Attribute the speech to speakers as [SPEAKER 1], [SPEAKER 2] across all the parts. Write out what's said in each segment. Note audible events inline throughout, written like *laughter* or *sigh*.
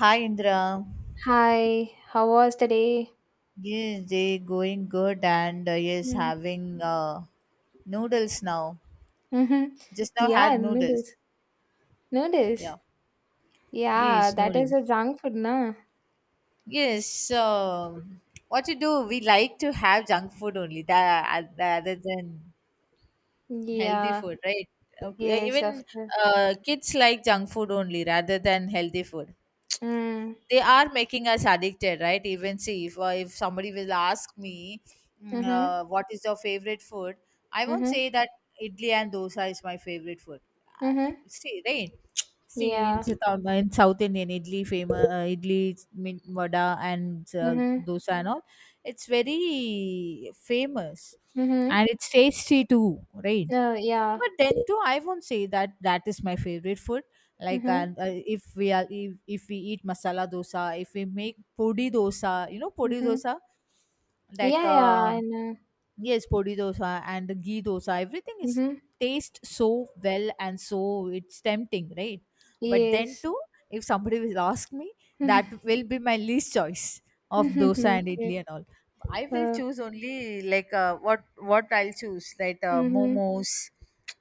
[SPEAKER 1] Hi Indra.
[SPEAKER 2] Hi, how was the day?
[SPEAKER 1] Yes, they going good and yes, having noodles now.
[SPEAKER 2] Mm-hmm.
[SPEAKER 1] Just now
[SPEAKER 2] Yeah,
[SPEAKER 1] had
[SPEAKER 2] noodles.
[SPEAKER 1] noodles.
[SPEAKER 2] Noodles.
[SPEAKER 1] Yeah.
[SPEAKER 2] Yeah,
[SPEAKER 1] Yes,
[SPEAKER 2] that is
[SPEAKER 1] noodles.
[SPEAKER 2] a junk food, na?
[SPEAKER 1] Yes. What you do? We like to have junk food only. That other than healthy
[SPEAKER 2] Yeah,
[SPEAKER 1] food, right? Okay.
[SPEAKER 2] yes,
[SPEAKER 1] Even
[SPEAKER 2] of course.
[SPEAKER 1] kids like junk food only rather than healthy food.
[SPEAKER 2] Mm.
[SPEAKER 1] They are making us addicted, right? Even see, if somebody will ask me,
[SPEAKER 2] Mm-hmm.
[SPEAKER 1] what is your favorite food, I won't say
[SPEAKER 2] Mm-hmm.
[SPEAKER 1] that idli and dosa is my favorite food. uh,
[SPEAKER 2] Mm-hmm.
[SPEAKER 1] See, right? see in
[SPEAKER 2] Yeah.
[SPEAKER 1] south in south indian, idli famous, idli, vada, and
[SPEAKER 2] Mm-hmm.
[SPEAKER 1] dosa and all. It's very famous
[SPEAKER 2] Mm-hmm.
[SPEAKER 1] and it's tasty too, right?
[SPEAKER 2] Oh, yeah.
[SPEAKER 1] But then too, I won't say that that is my favorite food. Like,
[SPEAKER 2] Mm-hmm.
[SPEAKER 1] and if we eat masala dosa, if we make podi dosa, you know podi
[SPEAKER 2] Mm-hmm.
[SPEAKER 1] dosa, like
[SPEAKER 2] Yeah, yeah, I
[SPEAKER 1] um
[SPEAKER 2] know.
[SPEAKER 1] Yes, podi dosa and the ghee dosa, everything is
[SPEAKER 2] Mm-hmm.
[SPEAKER 1] taste so well and so it's tempting, right? But then
[SPEAKER 2] Yes.
[SPEAKER 1] too, if somebody will ask me, that
[SPEAKER 2] *laughs*
[SPEAKER 1] will be my least choice of dosa and idli
[SPEAKER 2] Okay.
[SPEAKER 1] and all. I will
[SPEAKER 2] Uh,
[SPEAKER 1] choose only like, what I'll choose, right?
[SPEAKER 2] mm-hmm.
[SPEAKER 1] Momos,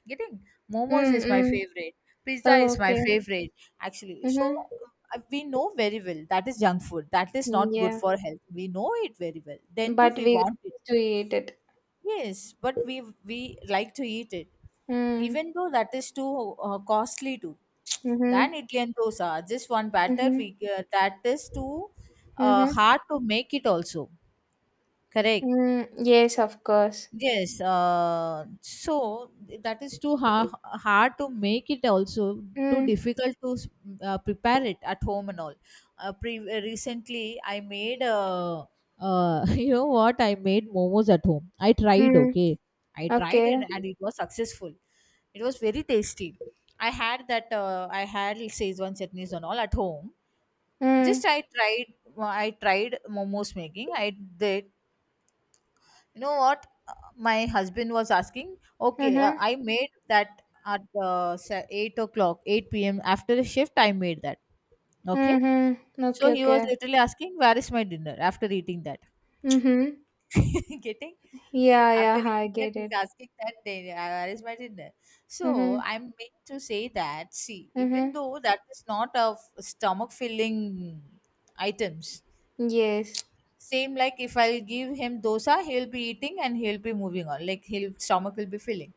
[SPEAKER 1] getting momos is my
[SPEAKER 2] Mm-mm.
[SPEAKER 1] favorite. Pizza
[SPEAKER 2] Oh,
[SPEAKER 1] is my
[SPEAKER 2] okay.
[SPEAKER 1] favorite, actually. So,
[SPEAKER 2] Mm-hmm.
[SPEAKER 1] we know very well that is junk food. That is not good
[SPEAKER 2] Yeah.
[SPEAKER 1] for health. We know it very well. Then too,
[SPEAKER 2] But
[SPEAKER 1] we
[SPEAKER 2] we got
[SPEAKER 1] want it.
[SPEAKER 2] to eat it.
[SPEAKER 1] Yes, but we like to eat it,
[SPEAKER 2] Mm.
[SPEAKER 1] even though that is too costly too. Than
[SPEAKER 2] Mhm.
[SPEAKER 1] Italian dosa, just one batter
[SPEAKER 2] Mhm.
[SPEAKER 1] we that is too
[SPEAKER 2] Mhm.
[SPEAKER 1] hard to make it also. Correct.
[SPEAKER 2] Mm. Yes, of course.
[SPEAKER 1] Yes, so that is too hard to make it also, too
[SPEAKER 2] Mm.
[SPEAKER 1] difficult to prepare it at home and all. Recently, I made *laughs* you know what, I made momos at home. I tried,
[SPEAKER 2] Mm.
[SPEAKER 1] okay, I tried
[SPEAKER 2] Okay.
[SPEAKER 1] and it was successful. It was very tasty. I had Szechuan chutneys and all at home.
[SPEAKER 2] Mm.
[SPEAKER 1] Just I tried momos making. I did, you know what? My husband was asking. Okay,
[SPEAKER 2] Mhm.
[SPEAKER 1] I made that at 8 o'clock, 8 p.m. After the shift, I made that. Okay.
[SPEAKER 2] Mhm.
[SPEAKER 1] So
[SPEAKER 2] Okay,
[SPEAKER 1] he was
[SPEAKER 2] okay.
[SPEAKER 1] literally asking, "Where is my dinner after eating that?"
[SPEAKER 2] Mhm.
[SPEAKER 1] *laughs* Getting?
[SPEAKER 2] Yeah,
[SPEAKER 1] After
[SPEAKER 2] yeah, I
[SPEAKER 1] eating that,
[SPEAKER 2] get
[SPEAKER 1] he's
[SPEAKER 2] it.
[SPEAKER 1] asking that, "Then, where is my dinner?" So
[SPEAKER 2] Mhm.
[SPEAKER 1] I'm meant to say that, see, even
[SPEAKER 2] Mhm.
[SPEAKER 1] though that is not of stomach filling items,
[SPEAKER 2] Yes.
[SPEAKER 1] same like if I'll give him dosa, he'll be eating and he'll be moving on. Like, his stomach will be filling.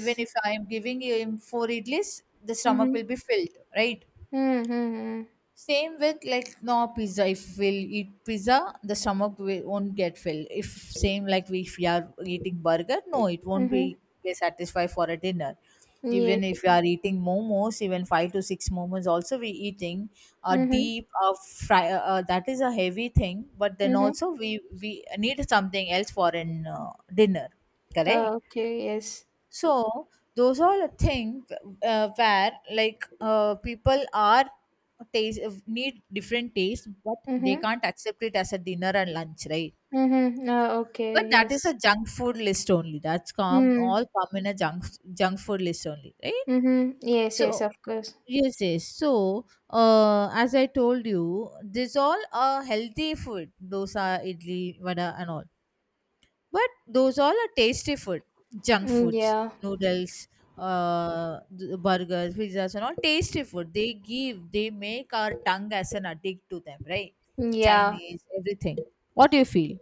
[SPEAKER 1] Even if I am giving him four idlis, the stomach will
[SPEAKER 2] Mhm.
[SPEAKER 1] be filled, right?
[SPEAKER 2] Mhm.
[SPEAKER 1] Same with, like, no, pizza, if we'll eat pizza, the stomach will, won't get filled. If same like we, if we are eating burger, no, it won't
[SPEAKER 2] Mhm.
[SPEAKER 1] be get satisfied for a dinner.
[SPEAKER 2] Yes.
[SPEAKER 1] Even if you are eating momos, even five to six momos also, we eating a
[SPEAKER 2] Mhm.
[SPEAKER 1] deep, a fry, that is a heavy thing. But then
[SPEAKER 2] Mhm.
[SPEAKER 1] also, we need something else for an dinner. Correct.
[SPEAKER 2] Oh, okay, yes.
[SPEAKER 1] So those are the things where, like, people are taste, need different taste, but they
[SPEAKER 2] Mhm.
[SPEAKER 1] can't accept it as a dinner and lunch, right?
[SPEAKER 2] Mhm. Oh,
[SPEAKER 1] But
[SPEAKER 2] okay,
[SPEAKER 1] that is
[SPEAKER 2] yes.
[SPEAKER 1] a junk food list only. That's come,
[SPEAKER 2] Mm.
[SPEAKER 1] all come in a junk food list only, right?
[SPEAKER 2] Mhm. Yes, yes,
[SPEAKER 1] So,
[SPEAKER 2] of course.
[SPEAKER 1] yes, yes. So, as I told you, these all are healthy food. Those are idli, vada, and all. But those all are tasty food, junk
[SPEAKER 2] Mm,
[SPEAKER 1] foods,
[SPEAKER 2] yeah.
[SPEAKER 1] noodles, burgers, pizzas, and all tasty food. They give, they make our tongue as an addict to them, right?
[SPEAKER 2] Yeah.
[SPEAKER 1] Chinese, everything. What do you feel?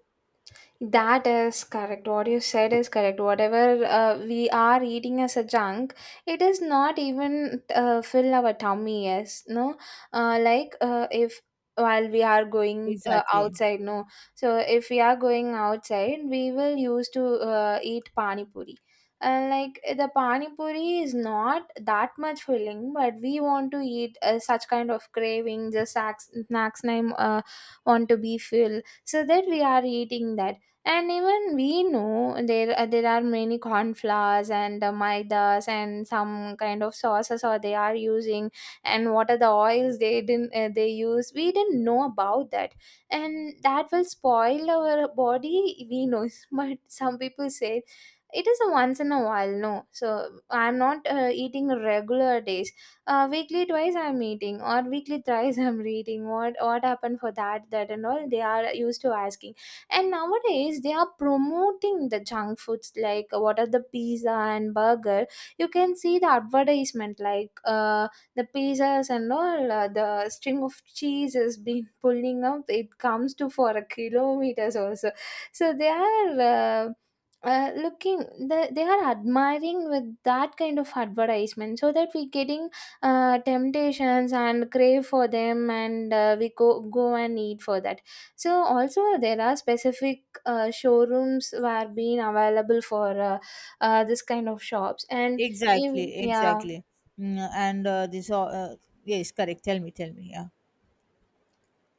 [SPEAKER 2] That is correct. What you said is correct. Whatever we are eating as a junk, it is not even fill our tummy. Yes, no. Like if while we are going
[SPEAKER 1] Exactly,
[SPEAKER 2] outside, no. So if we are going outside, we will use to eat pani puri. And like the pani puri is not that much filling, but we want to eat such kind of craving. The snacks, snacks name want to be filled, so that we are eating that. And even we know there are many cornflowers and maidas and some kind of sauces or they are using, and what are the oils they didn't they use, we didn't know about that, and that will spoil our body, we know. *laughs* But some people say it is a once in a while, no, so I'm not eating regular days, weekly twice I'm eating or weekly thrice. *laughs* I'm reading what happened for that and all, they are used to asking. And nowadays they are promoting the junk foods like what are the pizza and burger. You can see the advertisement like the pizzas and all, the string of cheese has been *laughs* pulling up, it comes to for a kilometers also. So, so, they are looking, the, they are admiring with that kind of advertisement, so that we getting temptations and crave for them, and we go and eat for that. So also there are specific showrooms were being available for this kind of shops, and in,
[SPEAKER 1] exactly,
[SPEAKER 2] yeah.
[SPEAKER 1] exactly. And this all, yes, correct. Tell me, tell me. Yeah.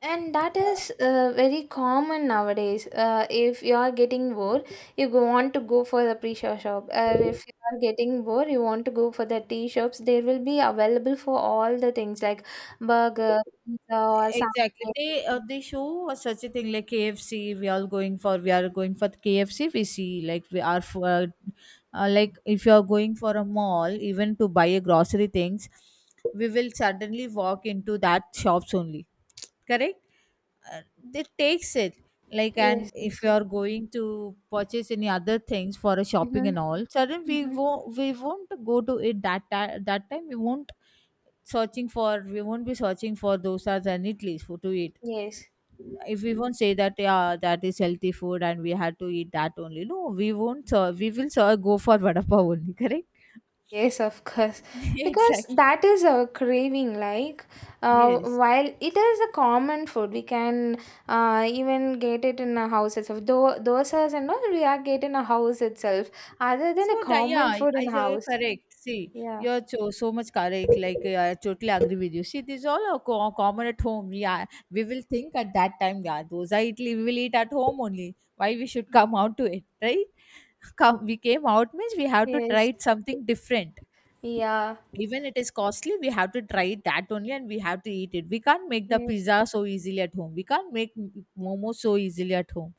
[SPEAKER 2] And that is very common nowadays, if you are getting bored, you go want to go for the pre-show shop, or if you are getting bored you want to go for the tea shops, there will be available for all the things like burger, pizza or
[SPEAKER 1] Exactly.
[SPEAKER 2] something.
[SPEAKER 1] They show us such a thing like KFC. We are going for the KFC. We see, like, we are for like, if you are going for a mall even to buy a grocery things, we will suddenly walk into that shops only. Correct? Uh, it takes it, like, and
[SPEAKER 2] Yes,
[SPEAKER 1] if
[SPEAKER 2] yes,
[SPEAKER 1] you are going to purchase any other things for a shopping
[SPEAKER 2] mm-hmm,
[SPEAKER 1] and all, suddenly we
[SPEAKER 2] mm-hmm.
[SPEAKER 1] won't we won't go to it that time. We won't be searching for dosas and idlis for to eat.
[SPEAKER 2] Yes.
[SPEAKER 1] If we won't say that, yeah, that is healthy food and we had to eat that only, no, we won't we will go for vada pav only, correct?
[SPEAKER 2] Yes, of course,
[SPEAKER 1] *laughs*
[SPEAKER 2] because
[SPEAKER 1] Exactly.
[SPEAKER 2] that is a craving. Like,
[SPEAKER 1] Yes.
[SPEAKER 2] while it is a common food, we can even get it in a house itself. Though, dosas and all we are getting a house itself, other than
[SPEAKER 1] So
[SPEAKER 2] a
[SPEAKER 1] that, yeah,
[SPEAKER 2] common food in
[SPEAKER 1] you're
[SPEAKER 2] house.
[SPEAKER 1] correct. See,
[SPEAKER 2] Yeah.
[SPEAKER 1] you're so, so much correct. Like, I totally agree with you. See, these all are common at home. Yeah, we will think at that time. Yeah, those are Italy. We will eat at home only. Why we should come out to it, right? *laughs* Come, we came out means we have to try
[SPEAKER 2] Yes.
[SPEAKER 1] it something different.
[SPEAKER 2] Yeah.
[SPEAKER 1] Even it is costly, we have to try that only and we have to eat it. We can't make the
[SPEAKER 2] Yes.
[SPEAKER 1] pizza so easily at home. We can't make momo so easily at home.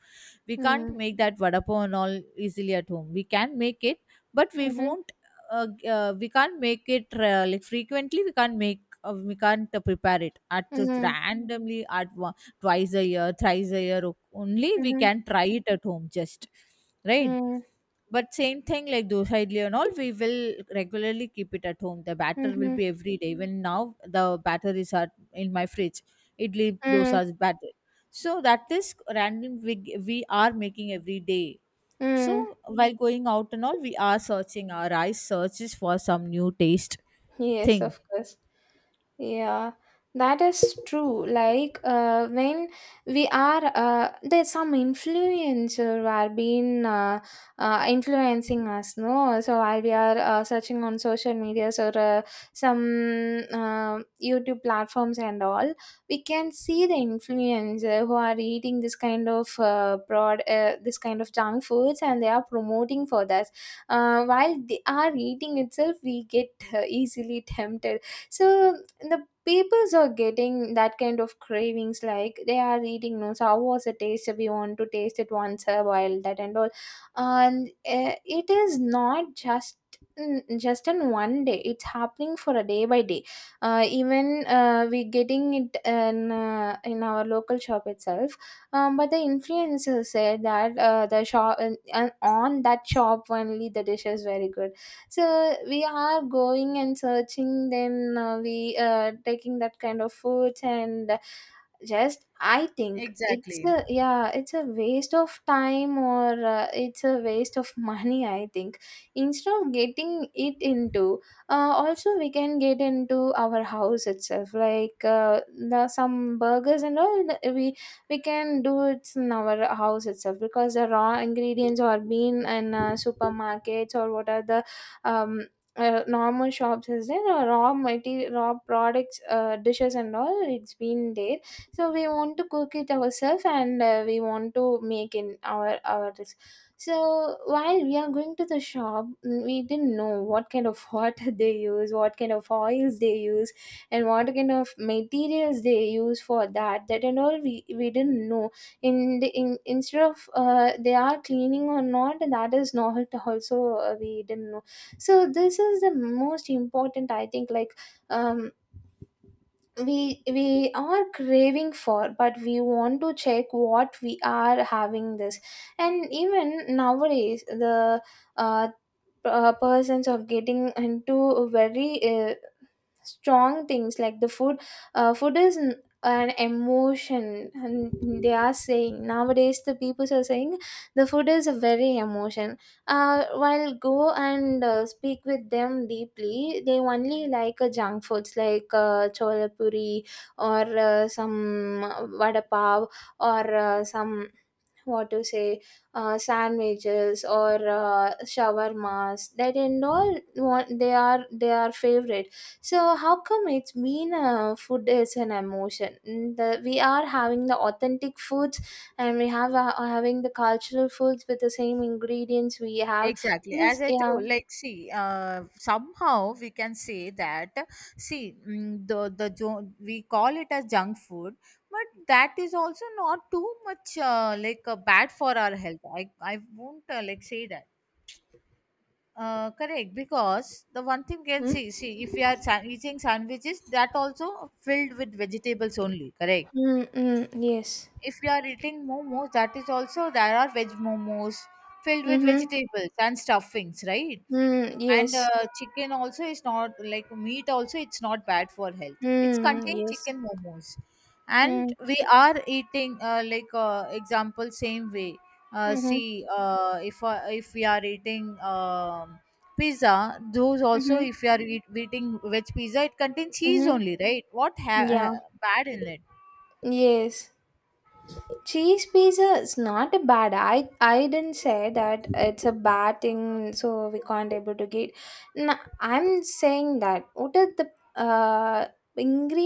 [SPEAKER 1] We can't
[SPEAKER 2] Mm.
[SPEAKER 1] make that vada pav and all easily at home. We can make it, but we
[SPEAKER 2] Mhm.
[SPEAKER 1] won't. We can't make it like, frequently we can't make we can't prepare it at just
[SPEAKER 2] Mm.
[SPEAKER 1] randomly. At one, twice a year, thrice a year only we
[SPEAKER 2] Mhm.
[SPEAKER 1] can try it at home, just, right?
[SPEAKER 2] Mm.
[SPEAKER 1] But same thing like dosa, idli and all, we will regularly keep it at home. The batter will
[SPEAKER 2] Mhm.
[SPEAKER 1] be every day. Even now, the batter is at, in my fridge. Idli
[SPEAKER 2] Mm.
[SPEAKER 1] dosa's batter. So that is random. We are making every day.
[SPEAKER 2] Mm.
[SPEAKER 1] So while going out and all, we are searching. Our eyes searches for some new taste
[SPEAKER 2] Yes,
[SPEAKER 1] thing.
[SPEAKER 2] of course. Yeah, that is true. Like when we are there's some influencer who are being influencing us, no? So while we are searching on social medias or some YouTube platforms and all, we can see the influencer who are eating this kind of broad, this kind of junk foods, and they are promoting for that. While they are eating itself, we get easily tempted, so the peoples are getting that kind of cravings like they are eating, no, so how was the taste, we want to taste it once a while that and all. And it is not just just in one day, it's happening for a day by day. Even we getting it in in our local shop itself, but the influencers said that the shop, and on that shop only the dish is very good, so we are going and searching, then we taking that kind of foods, and just I think it's
[SPEAKER 1] Exactly.
[SPEAKER 2] a, yeah, it's a waste of time, or it's a waste of *laughs* money, I think, instead of getting it into also we can get into our house itself, like the some burgers and all, we can do it in our house itself, because the raw ingredients are being in supermarkets, or what are the um, normal shops is there, raw products, dishes and all, it's been there, so we want to cook it ourselves and we want to make in our this. So while we are going to the shop, mm, we didn't know what kind of water *laughs* they use, what kind of oils they use, and what kind of materials they use for that and all, we didn't know. In instead of they are cleaning or not, that is not also, we didn't know. So this is the most important, I think, like, um, we are craving for, but we want to check what we are having this. And even nowadays the uh, p- persons of getting into very strong things like the food, food is an emotion, and they are saying nowadays the people are saying the food is a very emotion. While go and speak with them deeply, they only like junk foods like chola puri, or some vada pav, or some, what to say, sandwiches or shawarmas, that and all, want, they are favorite. So how come it's been food is an emotion? Mm, the, we are having the authentic foods, and we have are having the cultural foods with the same ingredients we have.
[SPEAKER 1] Exactly. As
[SPEAKER 2] This,
[SPEAKER 1] I
[SPEAKER 2] yeah.
[SPEAKER 1] told, like, see, somehow we can say that, see, we call it as junk food, but that is also not too much like, bad for our health. I won't like say that. Correct, because the one thing can
[SPEAKER 2] Mm.
[SPEAKER 1] see if we are eating sandwiches, that also filled with vegetables only, correct?
[SPEAKER 2] Mm, mm, yes.
[SPEAKER 1] If we are eating momos, that is also there are veg momos filled with
[SPEAKER 2] Mm-hmm.
[SPEAKER 1] vegetables and stuffings, right?
[SPEAKER 2] Mm,
[SPEAKER 1] And
[SPEAKER 2] yes.
[SPEAKER 1] chicken also is not like meat, also it's not bad for health, it's
[SPEAKER 2] Mm,
[SPEAKER 1] contain
[SPEAKER 2] yes.
[SPEAKER 1] chicken momos. And
[SPEAKER 2] Mm,
[SPEAKER 1] we are eating like, example same way,
[SPEAKER 2] mm-hmm.
[SPEAKER 1] see, if we are eating um pizza, those also, if
[SPEAKER 2] Mm-hmm.
[SPEAKER 1] we are eating veg pizza, it contains cheese
[SPEAKER 2] Mm-hmm.
[SPEAKER 1] only, right? What
[SPEAKER 2] Yeah.
[SPEAKER 1] bad in it?
[SPEAKER 2] Yes. Cheese pizza is not a bad, I didn't say that it's a bad thing. So we can't able to get, no, I'm saying that what are the uh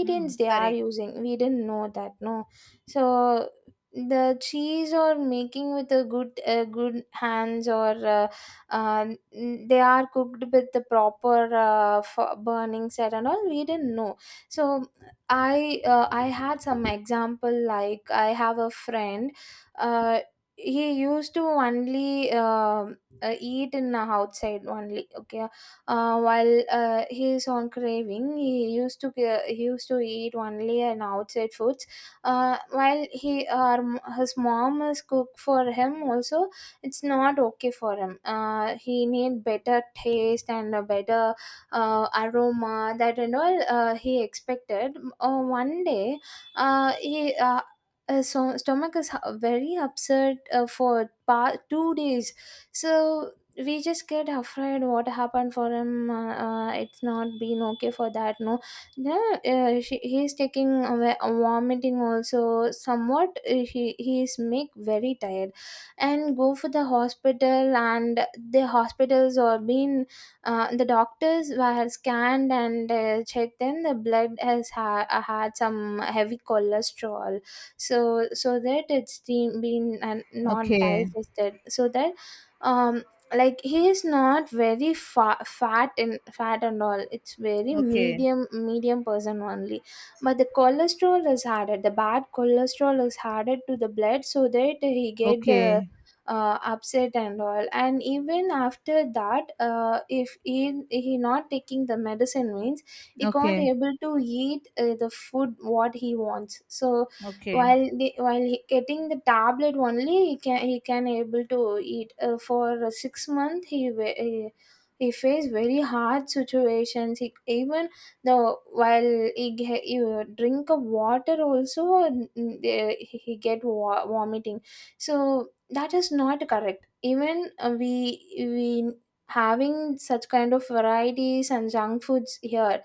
[SPEAKER 1] Hmm,
[SPEAKER 2] they are
[SPEAKER 1] correct.
[SPEAKER 2] using, we didn't know that, no. So the cheese or making with a good, good hands, or uh, they are cooked with the proper, burning set and all, we didn't know. So I, I had some example, like I have a friend. Uh, he used to only eat in outside only. Okay, while he is on craving, he used to he used to eat only in outside foods. While he his mom is cook for him also, it's not okay for him. He need better taste and a better aroma, that and all, he expected. One day he his stomach is very upset for 2 days, so we just get afraid what happened for him. It's not been okay for that, no. Yeah, she, he's taking away, vomiting also, somewhat he he's make very tired, and go for the hospital. And the hospitals are being the doctors were scanned and checked, then the blood had some heavy cholesterol, so so that it's been not
[SPEAKER 1] Okay.
[SPEAKER 2] digested, so that, um, like he is not very fat and fat and all, it's very
[SPEAKER 1] Okay.
[SPEAKER 2] medium person only, but the cholesterol is added, the bad cholesterol is added to the blood, so that he get the
[SPEAKER 1] Okay.
[SPEAKER 2] upset and all. And even after that if he he not taking the medicine means, he can't
[SPEAKER 1] Okay.
[SPEAKER 2] able to eat the food what he wants. So
[SPEAKER 1] Okay.
[SPEAKER 2] while the, while he getting the tablet only he can, he can able to eat, for 6 months he, he faced very hard situations, he even the, while he, he drink of water also, mm, mm, eh, he get vomiting. So that is not correct. Even we having such kind of varieties and junk foods here,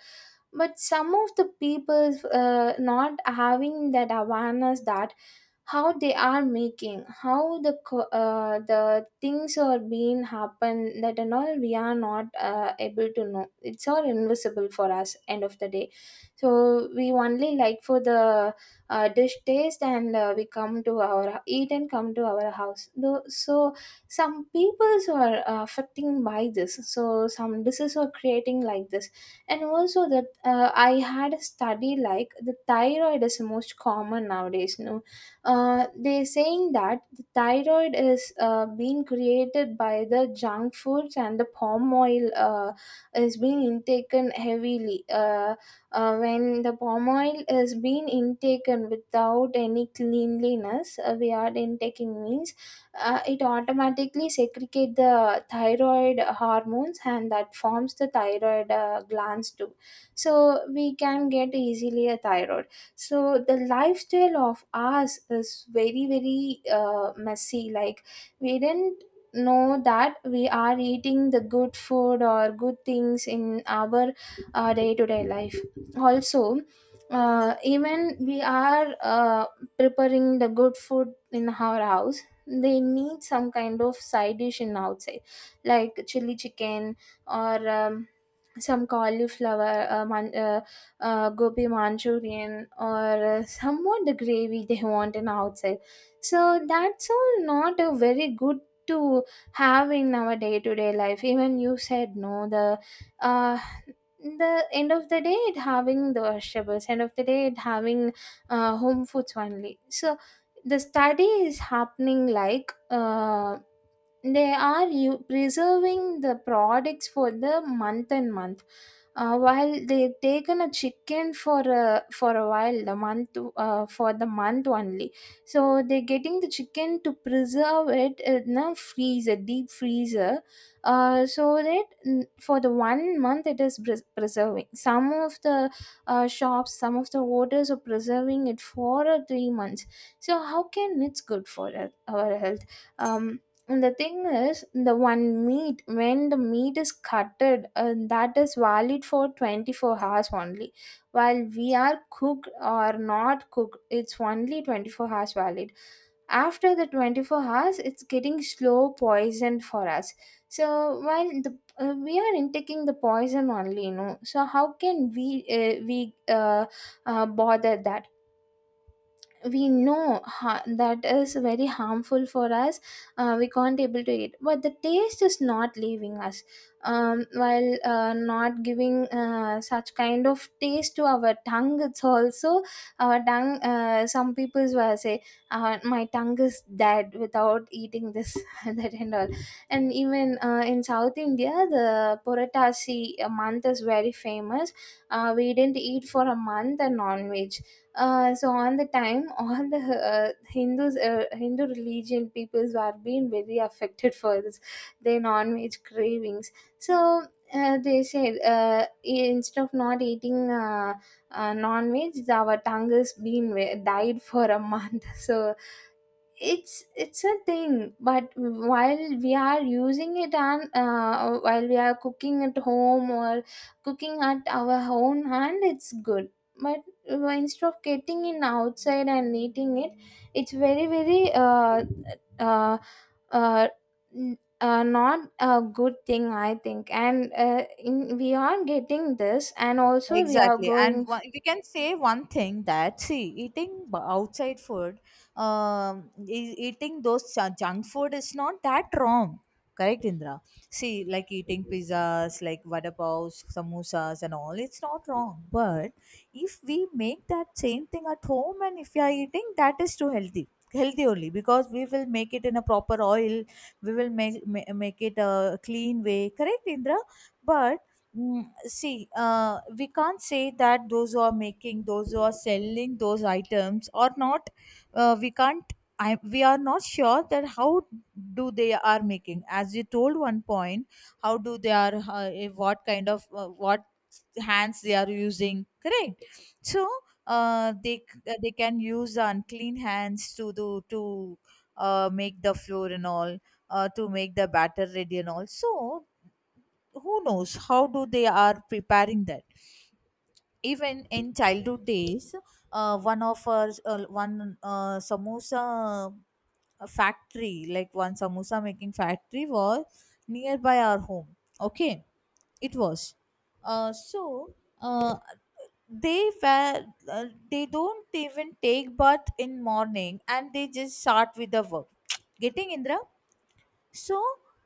[SPEAKER 2] but some of the people not having that awareness, that how they are making, how the the things are being happen that and all, we are not able to know, it's all invisible for us end of the day. So we only like for the dish taste, and we come to our eat and come to our house. Though, so some peoples are affecting by this, so some dishes are creating like this. And also that I had a study, like the thyroid is most common nowadays, no, they saying that the thyroid is being created by the junk foods and the palm oil, is being intaken heavily. When the palm oil is being intaken without any cleanliness, we are intaking means, it automatically segregate the thyroid hormones, and that forms the thyroid glands too. So we can get easily a thyroid. So the Lifestyle of ours is very very messy. Like, we didn't know that we are eating the good food or good things in our day-to-day life also. Even we are preparing the good food in our house, they need some kind of side dish in outside, like chili chicken or some cauliflower gobi manchurian, or somewhat the gravy they want in outside. So that's all not a very good to have in our day-to-day life. Even you said, no, uh, the end of the day it having the vegetables, end of the day it having home foods only. So the study is happening like, they are preserving the products for the month and month. While they taken a chicken for a while the month, for the month only. So they're getting the chicken to preserve it in a freezer, deep freezer. So that, for the one month it is preserving. Some of the shops, some of the orders are preserving it for 3 months. So how can it's good for our health? um, and the thing is, the one meat, when the meat is cutted, that is valid for 24 hours only. While we are cooked or not cooked, it's only 24 hours valid. After the 24 hours, it's getting slow poison for us. So while the we are intaking the poison only. So how can we bother that? We know, that is very harmful for us. We can't able to eat, but the taste is not leaving us. While not giving such kind of taste to our tongue, it's also our tongue. Some people will say, my tongue is dead without eating this, *laughs* and that and all. And even in South India, the puratasi month is very famous. We didn't eat for a month a non-veg. So on the time, all the Hindus, Hindu religion peoples were being very affected for this, their non-veg cravings. So they said, instead of not eating non-veg, our tongue has been died for a month. *laughs* So it's a thing, but while we are using it, and while we are cooking at home or cooking at our own hand, it's good. But instead of getting in outside and eating it, it's very very uh, uh, not a good thing, I think. And we are getting this and also we are
[SPEAKER 1] Exactly. And
[SPEAKER 2] going.
[SPEAKER 1] one, we can say one thing that, see, eating outside food, eating those junk food is not that wrong. Correct, Indra? See, like eating pizzas, like vada paos, samosas, and all, it's not wrong. But if we make that same thing at home and if we are eating, that is too healthy. Healthy only because we will make it in a proper oil, we will make it a clean way. Correct, Indra? But mm, see, we can't say that those who are making, those who are selling those items or not, we can't. We are not sure that how do they are making, as you told one point, how do they are what kind of what hands they are using, correct? So they can use unclean hands to do, to make the flour and all, to make the batter ready and all. So who knows how do they are preparing that. Even in childhood days, one of our one samosa factory, like one samosa making factory was nearby our home. Okay, it was. So, uh, they were uh, they don't even take bath in morning and they just start with the work. *tsk* Getting, Indra? So,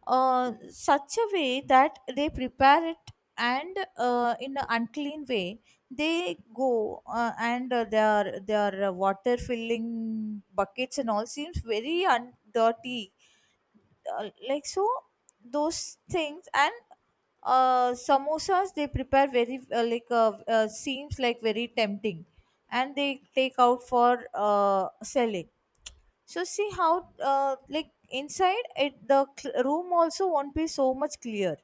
[SPEAKER 1] such a way that they prepare it, and in an unclean way they go, and their water filling buckets and all seems very dirty. Like, so those things, and samosas they prepare very like, seems like very tempting, and they take out for selling. So see how like inside it the room also won't be so much clear.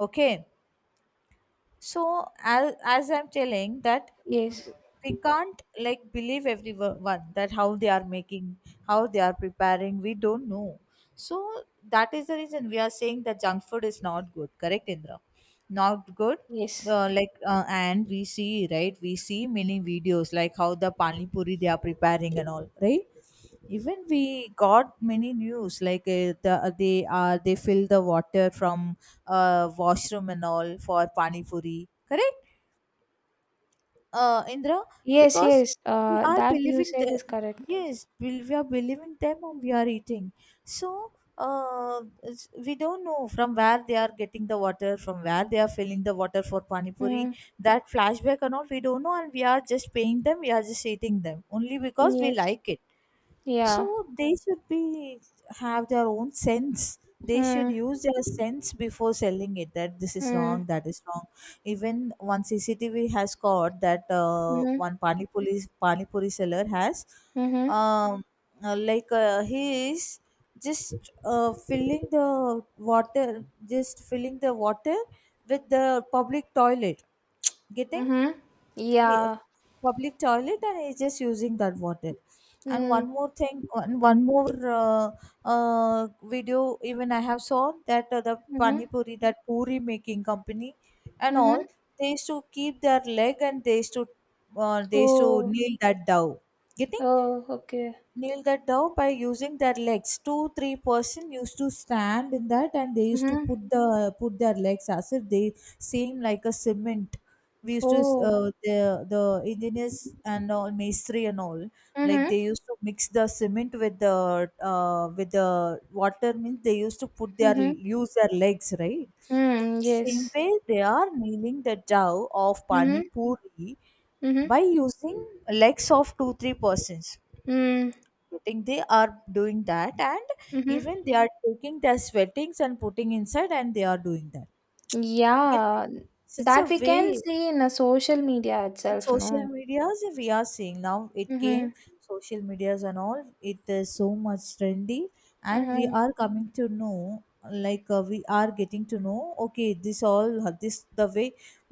[SPEAKER 1] Okay. So as I'm telling that,
[SPEAKER 2] yes
[SPEAKER 1] w- we can't, like, believe everyone that how they are making, how they are preparing, we don't know. So that is the reason we are saying that junk food is not good, correct, Indra? Not good.
[SPEAKER 2] yes
[SPEAKER 1] And we see, right? We see many videos like how the pani puri they are preparing and all, right? Even we got many news like they are they fill the water from washroom and all for pani puri, correct, Indra?
[SPEAKER 2] yes
[SPEAKER 1] Because
[SPEAKER 2] yes
[SPEAKER 1] we are
[SPEAKER 2] That you
[SPEAKER 1] believing
[SPEAKER 2] said
[SPEAKER 1] them.
[SPEAKER 2] is correct.
[SPEAKER 1] Yes, we are believing them, and we are eating. So uh, we don't know from where they are getting the water, from where they are filling the water for pani puri.
[SPEAKER 2] Mm.
[SPEAKER 1] That flashback and all we don't know, and we are just paying them. We are just eating them only because we
[SPEAKER 2] Yes.
[SPEAKER 1] like it.
[SPEAKER 2] Yeah.
[SPEAKER 1] So they should be have their own sense. They should
[SPEAKER 2] Mm.
[SPEAKER 1] use their sense before selling it. That this is wrong,
[SPEAKER 2] Mm.
[SPEAKER 1] that is wrong. Even one CCTV has caught that
[SPEAKER 2] Mhm.
[SPEAKER 1] one pani puri seller has,
[SPEAKER 2] Mhm.
[SPEAKER 1] um, he is just filling the water, just filling the water with the public toilet. Getting?
[SPEAKER 2] Mhm.
[SPEAKER 1] he, uh,
[SPEAKER 2] Yeah.
[SPEAKER 1] Public toilet, and he's just using that water. And one
[SPEAKER 2] Mm.
[SPEAKER 1] more thing, one more uh, video, even I have saw that the pani
[SPEAKER 2] Mhm.
[SPEAKER 1] puri, that puri making company and all,
[SPEAKER 2] Mhm.
[SPEAKER 1] they used to keep their leg, and they used to
[SPEAKER 2] Oh.
[SPEAKER 1] kneel that dough. Getting?
[SPEAKER 2] Oh, okay.
[SPEAKER 1] Kneel that down by using their legs. Two, three person used to stand in that, and they used to
[SPEAKER 2] Mhm.
[SPEAKER 1] put their legs as if they seem like a cement. We used to uh,
[SPEAKER 2] Oh.
[SPEAKER 1] the the engineers and all, masonry and all, like,
[SPEAKER 2] Mhm.
[SPEAKER 1] they used to mix the cement with the with the water, means they used to put their
[SPEAKER 2] Mhm.
[SPEAKER 1] use their legs, right?
[SPEAKER 2] Mm.
[SPEAKER 1] Same
[SPEAKER 2] Yes.
[SPEAKER 1] way, they are kneeling the dough of pani
[SPEAKER 2] Mhm.
[SPEAKER 1] puri
[SPEAKER 2] Mhm.
[SPEAKER 1] by using legs of two three persons.
[SPEAKER 2] Mm.
[SPEAKER 1] Getting? They are doing that, and
[SPEAKER 2] Mhm.
[SPEAKER 1] even they are taking their sweatings and putting inside, and they are doing that, it?
[SPEAKER 2] Yeah.
[SPEAKER 1] Such a
[SPEAKER 2] That we can
[SPEAKER 1] way.
[SPEAKER 2] see in a social media
[SPEAKER 1] In
[SPEAKER 2] itself,
[SPEAKER 1] social
[SPEAKER 2] no?
[SPEAKER 1] medias we are seeing, now it came.
[SPEAKER 2] Mhm.
[SPEAKER 1] Social medias and all, it is so much trendy, and we
[SPEAKER 2] Mhm.
[SPEAKER 1] are coming to know, like we are getting to know, okay, this all this the way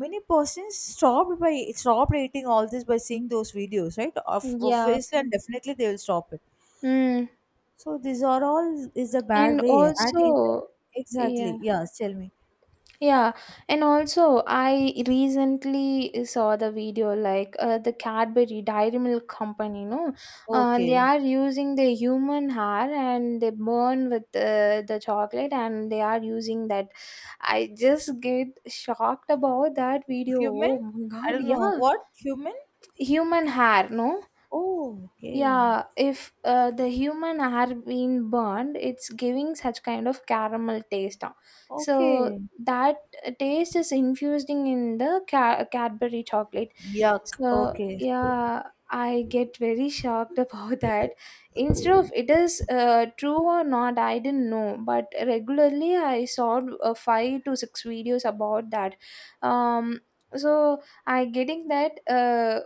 [SPEAKER 1] many persons stopped eating all this by seeing those videos, right? Of
[SPEAKER 2] Yeah.
[SPEAKER 1] obviously and definitely they will stop it.
[SPEAKER 2] Mm.
[SPEAKER 1] So these are all is a bad
[SPEAKER 2] And
[SPEAKER 1] way, and even
[SPEAKER 2] also. Yeah.
[SPEAKER 1] exactly, yes. Tell me.
[SPEAKER 2] Yeah, and also I recently saw the video, like, the Cadbury Dairy Milk Company, no, they
[SPEAKER 1] Okay.
[SPEAKER 2] are using the human hair and they burn with the chocolate and they are using that. I just get shocked about that video.
[SPEAKER 1] Human.
[SPEAKER 2] Oh my
[SPEAKER 1] I
[SPEAKER 2] god.
[SPEAKER 1] don't know
[SPEAKER 2] Yeah,
[SPEAKER 1] what human.
[SPEAKER 2] human hair, no.
[SPEAKER 1] Oh, okay,
[SPEAKER 2] Yeah, if the human are being burned, it's giving such kind of caramel taste. Ah. So
[SPEAKER 1] okay.
[SPEAKER 2] that taste is infusing in the Cadbury chocolate.
[SPEAKER 1] Yuck.
[SPEAKER 2] So
[SPEAKER 1] Okay.
[SPEAKER 2] yeah, I get very shocked *laughs* about that. Instead of it is true or not, I didn't know. But regularly, I saw 5 to 6 videos about that. Um, so I getting that.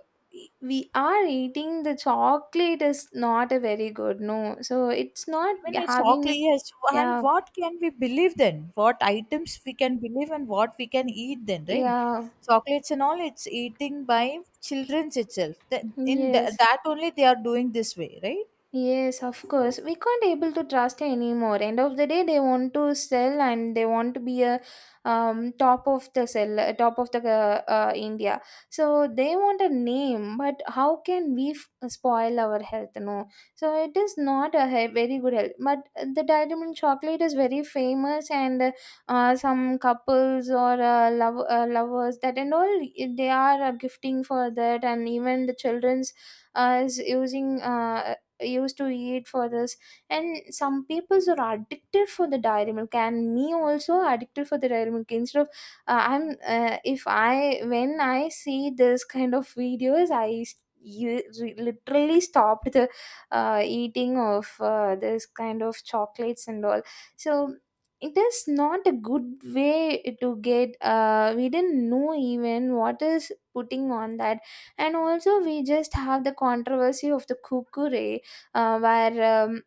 [SPEAKER 2] We are eating the chocolate is not a very good, no, so it's not
[SPEAKER 1] Even a chocolate,
[SPEAKER 2] having.
[SPEAKER 1] yes. And
[SPEAKER 2] Yeah.
[SPEAKER 1] what can we believe then? What items we can believe and what we can eat then, right?
[SPEAKER 2] Yeah.
[SPEAKER 1] Chocolates and all, it's eating by children's itself.
[SPEAKER 2] Yes.
[SPEAKER 1] That only they are doing this way, right?
[SPEAKER 2] Yes, of course. We can't able to trust anymore. End of the day, they want to sell and they want to be a top of the sell, top of the India. So they want a name, but how can we spoil our health? No. So it is not a very good health. But the Dairy Milk chocolate is very famous, and some couples or love, lovers, that and all, they are gifting for that, and even the children's is using. Used to eat for this. And some people are addicted for the dairy milk, and me also addicted for the dairy milk. Instead of, I'm if I, when I see this kind of videos, I s- you re- literally stopped the eating of this kind of chocolates and all. So it is not a good way to get, we didn't know even what is putting on that. And also we just have the controversy of the kukure, where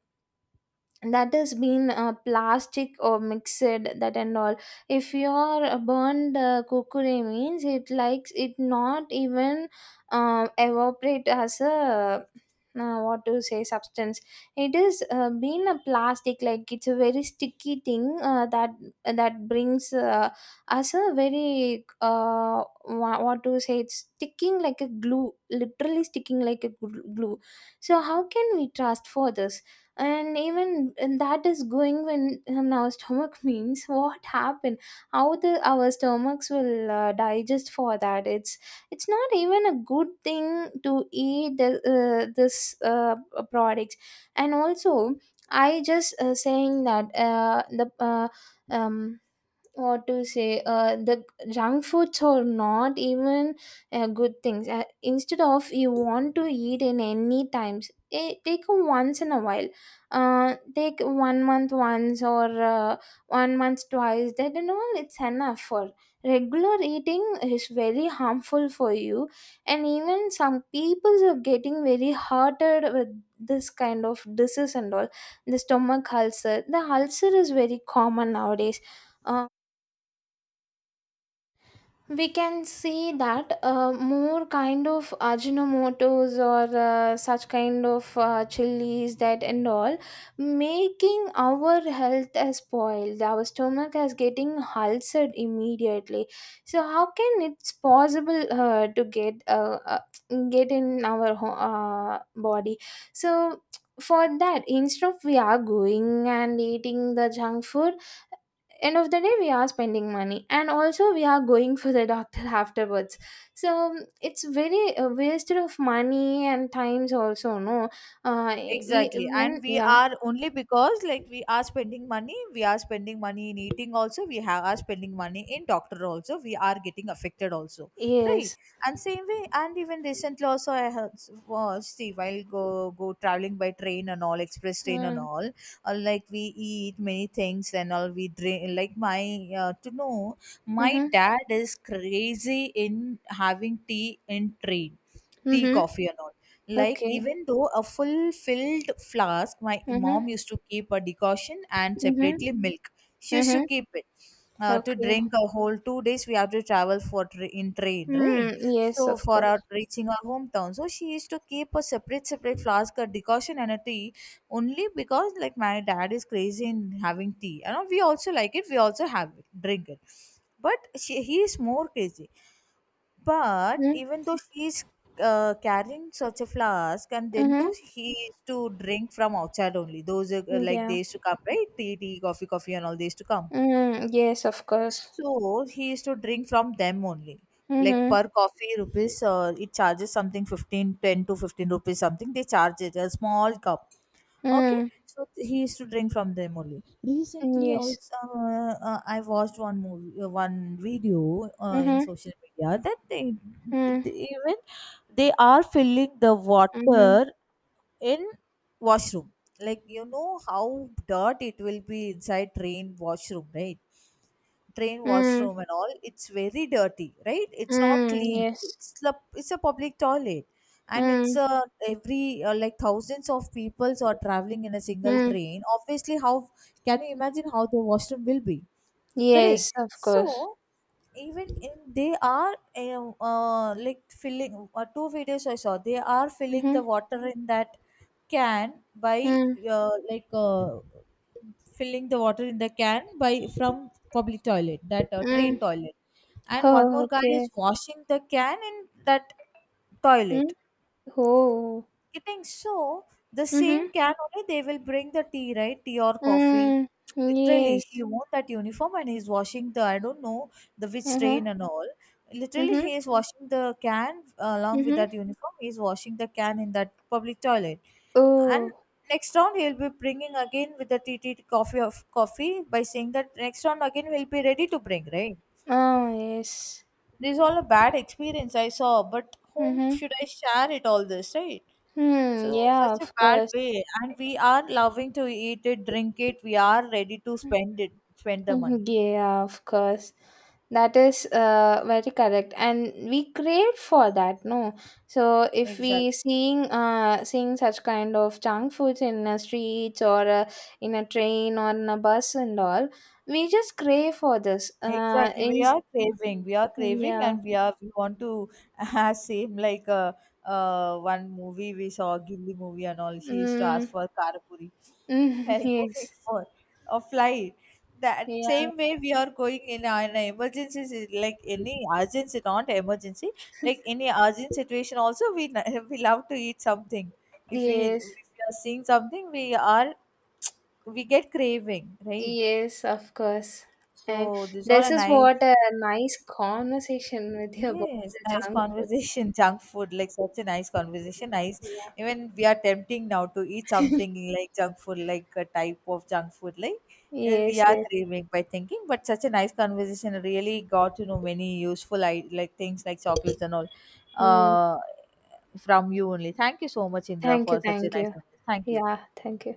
[SPEAKER 2] that has been plastic or mixed, that and all. If your burned kukure means it likes, it not even evaporate as a, what to say, substance. It is been a plastic, like it's a very sticky thing, that that brings us a very what to say, it's sticking like a glue, literally sticking like a glue. So how can we trust for this? And even, and that is going when in our stomach, *laughs* means what happened, how the our stomachs will digest for that? It's not even a good thing to eat the, this products. And also I just saying that the um what to say, the junk foods are not even good things. Instead of, you want to eat in any times, eh, take a once in a while. Take one month once or one month twice, that and all, it's enough for. Regular eating is very harmful for you. And even some people are getting very hurted with this kind of disease and all. The stomach ulcer, the ulcer is very common nowadays. Uh, we can see that more kind of ajinomotos or such kind of chilies, that and all, making our health as spoiled. Our stomach is getting ulcered immediately. So how can it's possible to get in our body. So for that, instead of we are going and eating the junk food, end of the day we are spending money, and also we are going for the doctor *laughs* afterwards. So it's very a waste of money and times also, no? uh we
[SPEAKER 1] Exactly. And
[SPEAKER 2] when
[SPEAKER 1] we
[SPEAKER 2] Yeah.
[SPEAKER 1] are, only because like we are spending money, we are spending money in eating also, we have are spending money in doctor also, we are getting affected also. Right.
[SPEAKER 2] Yes.
[SPEAKER 1] And same way, and even recently also I heard, well, see, while go traveling by train and all, express train and
[SPEAKER 2] Mm.
[SPEAKER 1] all, like we eat many things, and all we drink, like my to know, my
[SPEAKER 2] Mm-hmm.
[SPEAKER 1] dad is crazy in having tea in train, tea,
[SPEAKER 2] Mm-hmm.
[SPEAKER 1] coffee and all, like,
[SPEAKER 2] Okay.
[SPEAKER 1] even though a full filled flask, my
[SPEAKER 2] Mm-hmm.
[SPEAKER 1] mom used to keep a decoction and separately
[SPEAKER 2] Mm-hmm.
[SPEAKER 1] milk. She used to
[SPEAKER 2] Mm-hmm.
[SPEAKER 1] keep it. To
[SPEAKER 2] Okay.
[SPEAKER 1] drink a whole 2 days, we have to travel for in train, right?
[SPEAKER 2] Mm, yes
[SPEAKER 1] So
[SPEAKER 2] of
[SPEAKER 1] for our
[SPEAKER 2] course.
[SPEAKER 1] reaching our hometown, so she used to keep a separate flask, a decoction, and a tea, only because like my dad is crazy in having tea. You know, we also like it, we also have it, drink it, but he is more crazy. But
[SPEAKER 2] Mm.
[SPEAKER 1] even though she's carrying such a flask, and then
[SPEAKER 2] Mm-hmm.
[SPEAKER 1] too he is to drink from outside only. Those, like,
[SPEAKER 2] Yeah.
[SPEAKER 1] they used to come, right? Tea, tea, coffee, coffee, and all, they used to come.
[SPEAKER 2] Mm, yes of course.
[SPEAKER 1] So he used to drink from them only. Like
[SPEAKER 2] Mm-hmm.
[SPEAKER 1] per coffee rupees, it charges something 15, 10 to 15 rupees something. They charge it a small cup. Okay,
[SPEAKER 2] Mm,
[SPEAKER 1] so he used to drink from them only. Recently,
[SPEAKER 2] yes.
[SPEAKER 1] also, I watched one movie, one video in
[SPEAKER 2] Mm-hmm.
[SPEAKER 1] social media, that
[SPEAKER 2] Mm.
[SPEAKER 1] they even they are filling the
[SPEAKER 2] Mm-hmm.
[SPEAKER 1] water in washroom. Like, you know how dirt it will be inside train washroom, right? Train
[SPEAKER 2] Mm.
[SPEAKER 1] washroom and all, it's very dirty, right? It's not
[SPEAKER 2] Mm,
[SPEAKER 1] clean.
[SPEAKER 2] yes.
[SPEAKER 1] It's a public toilet. And
[SPEAKER 2] Hmm.
[SPEAKER 1] it's a every like, thousands of people are traveling in a single
[SPEAKER 2] Mm.
[SPEAKER 1] train. Obviously how can you imagine how the washroom will be? Correct.
[SPEAKER 2] Yes, of course.
[SPEAKER 1] So even in, they are filling two videos I saw. They are filling the
[SPEAKER 2] Mhm.
[SPEAKER 1] water in that can by
[SPEAKER 2] Mm.
[SPEAKER 1] uh, like uh, filling the water in the can by from public toilet, that
[SPEAKER 2] Mm.
[SPEAKER 1] train toilet, and one
[SPEAKER 2] Oh,
[SPEAKER 1] more guy
[SPEAKER 2] okay.
[SPEAKER 1] is washing the can in that
[SPEAKER 2] Mm.
[SPEAKER 1] toilet,
[SPEAKER 2] Oh.
[SPEAKER 1] I think so. The same
[SPEAKER 2] Mhm.
[SPEAKER 1] can only they will bring the tea, right? Tea or coffee.
[SPEAKER 2] Mm.
[SPEAKER 1] Literally,
[SPEAKER 2] Yes.
[SPEAKER 1] he wore that uniform, and he's washing the, I don't know the which train
[SPEAKER 2] Mhm.
[SPEAKER 1] and all. Literally,
[SPEAKER 2] Mhm.
[SPEAKER 1] he is washing the can along with
[SPEAKER 2] Mhm.
[SPEAKER 1] that uniform. He's washing the can in that public toilet, and
[SPEAKER 2] Oh.
[SPEAKER 1] next round he'll be bringing again with the tea, tea, tea, coffee of coffee, by saying that next round again we'll be ready to bring, right?
[SPEAKER 2] Oh, yes.
[SPEAKER 1] This is all a bad experience I saw, but whom
[SPEAKER 2] Mhm.
[SPEAKER 1] should I share it all this, right?
[SPEAKER 2] Hmm.
[SPEAKER 1] So
[SPEAKER 2] Yeah,
[SPEAKER 1] such a
[SPEAKER 2] of
[SPEAKER 1] bad
[SPEAKER 2] course.
[SPEAKER 1] way, and we are loving to eat it, drink it. We are ready to spend it, spend the
[SPEAKER 2] Mhm.
[SPEAKER 1] money.
[SPEAKER 2] Yeah, of course. That is very correct, and we crave for that, no? So if
[SPEAKER 1] Exactly.
[SPEAKER 2] we seeing seeing such kind of junk foods in a streets or in a train or in a bus and all, we just crave for this.
[SPEAKER 1] Exactly,
[SPEAKER 2] In.
[SPEAKER 1] we are craving,
[SPEAKER 2] Yeah.
[SPEAKER 1] and we want to *laughs* same like one movie we saw, Gilli movie and all. She used to ask
[SPEAKER 2] Mm.
[SPEAKER 1] for karapuri,
[SPEAKER 2] *laughs* Mm,
[SPEAKER 1] and *laughs* going
[SPEAKER 2] yes.
[SPEAKER 1] for a flight. That
[SPEAKER 2] Yeah.
[SPEAKER 1] same way we are going in an emergency, like any urgency, not emergency, like any urgent situation. Also, *laughs* we love to eat something. If we
[SPEAKER 2] Yes,
[SPEAKER 1] if we are seeing something, we are we get craving, right?
[SPEAKER 2] yes, of course. And
[SPEAKER 1] So these are a
[SPEAKER 2] this is
[SPEAKER 1] nice.
[SPEAKER 2] what a nice conversation with you about
[SPEAKER 1] Yes,
[SPEAKER 2] the
[SPEAKER 1] nice
[SPEAKER 2] junk foods.
[SPEAKER 1] conversation. *laughs* Junk food, like such a nice conversation. Nice. Even we are tempting now to eat
[SPEAKER 2] Yeah.
[SPEAKER 1] something like junk food, like a type of junk food, like
[SPEAKER 2] *laughs*
[SPEAKER 1] even we
[SPEAKER 2] Yes,
[SPEAKER 1] are
[SPEAKER 2] yes.
[SPEAKER 1] craving by thinking. But such a nice conversation. Really got to know many useful, I like things like chocolates and all,
[SPEAKER 2] Mm.
[SPEAKER 1] uh, from you only. Thank you so much, Indra,
[SPEAKER 2] Thank you,
[SPEAKER 1] for such a
[SPEAKER 2] thank
[SPEAKER 1] nice
[SPEAKER 2] you.
[SPEAKER 1] conversation. Thank you.
[SPEAKER 2] Yeah, thank you.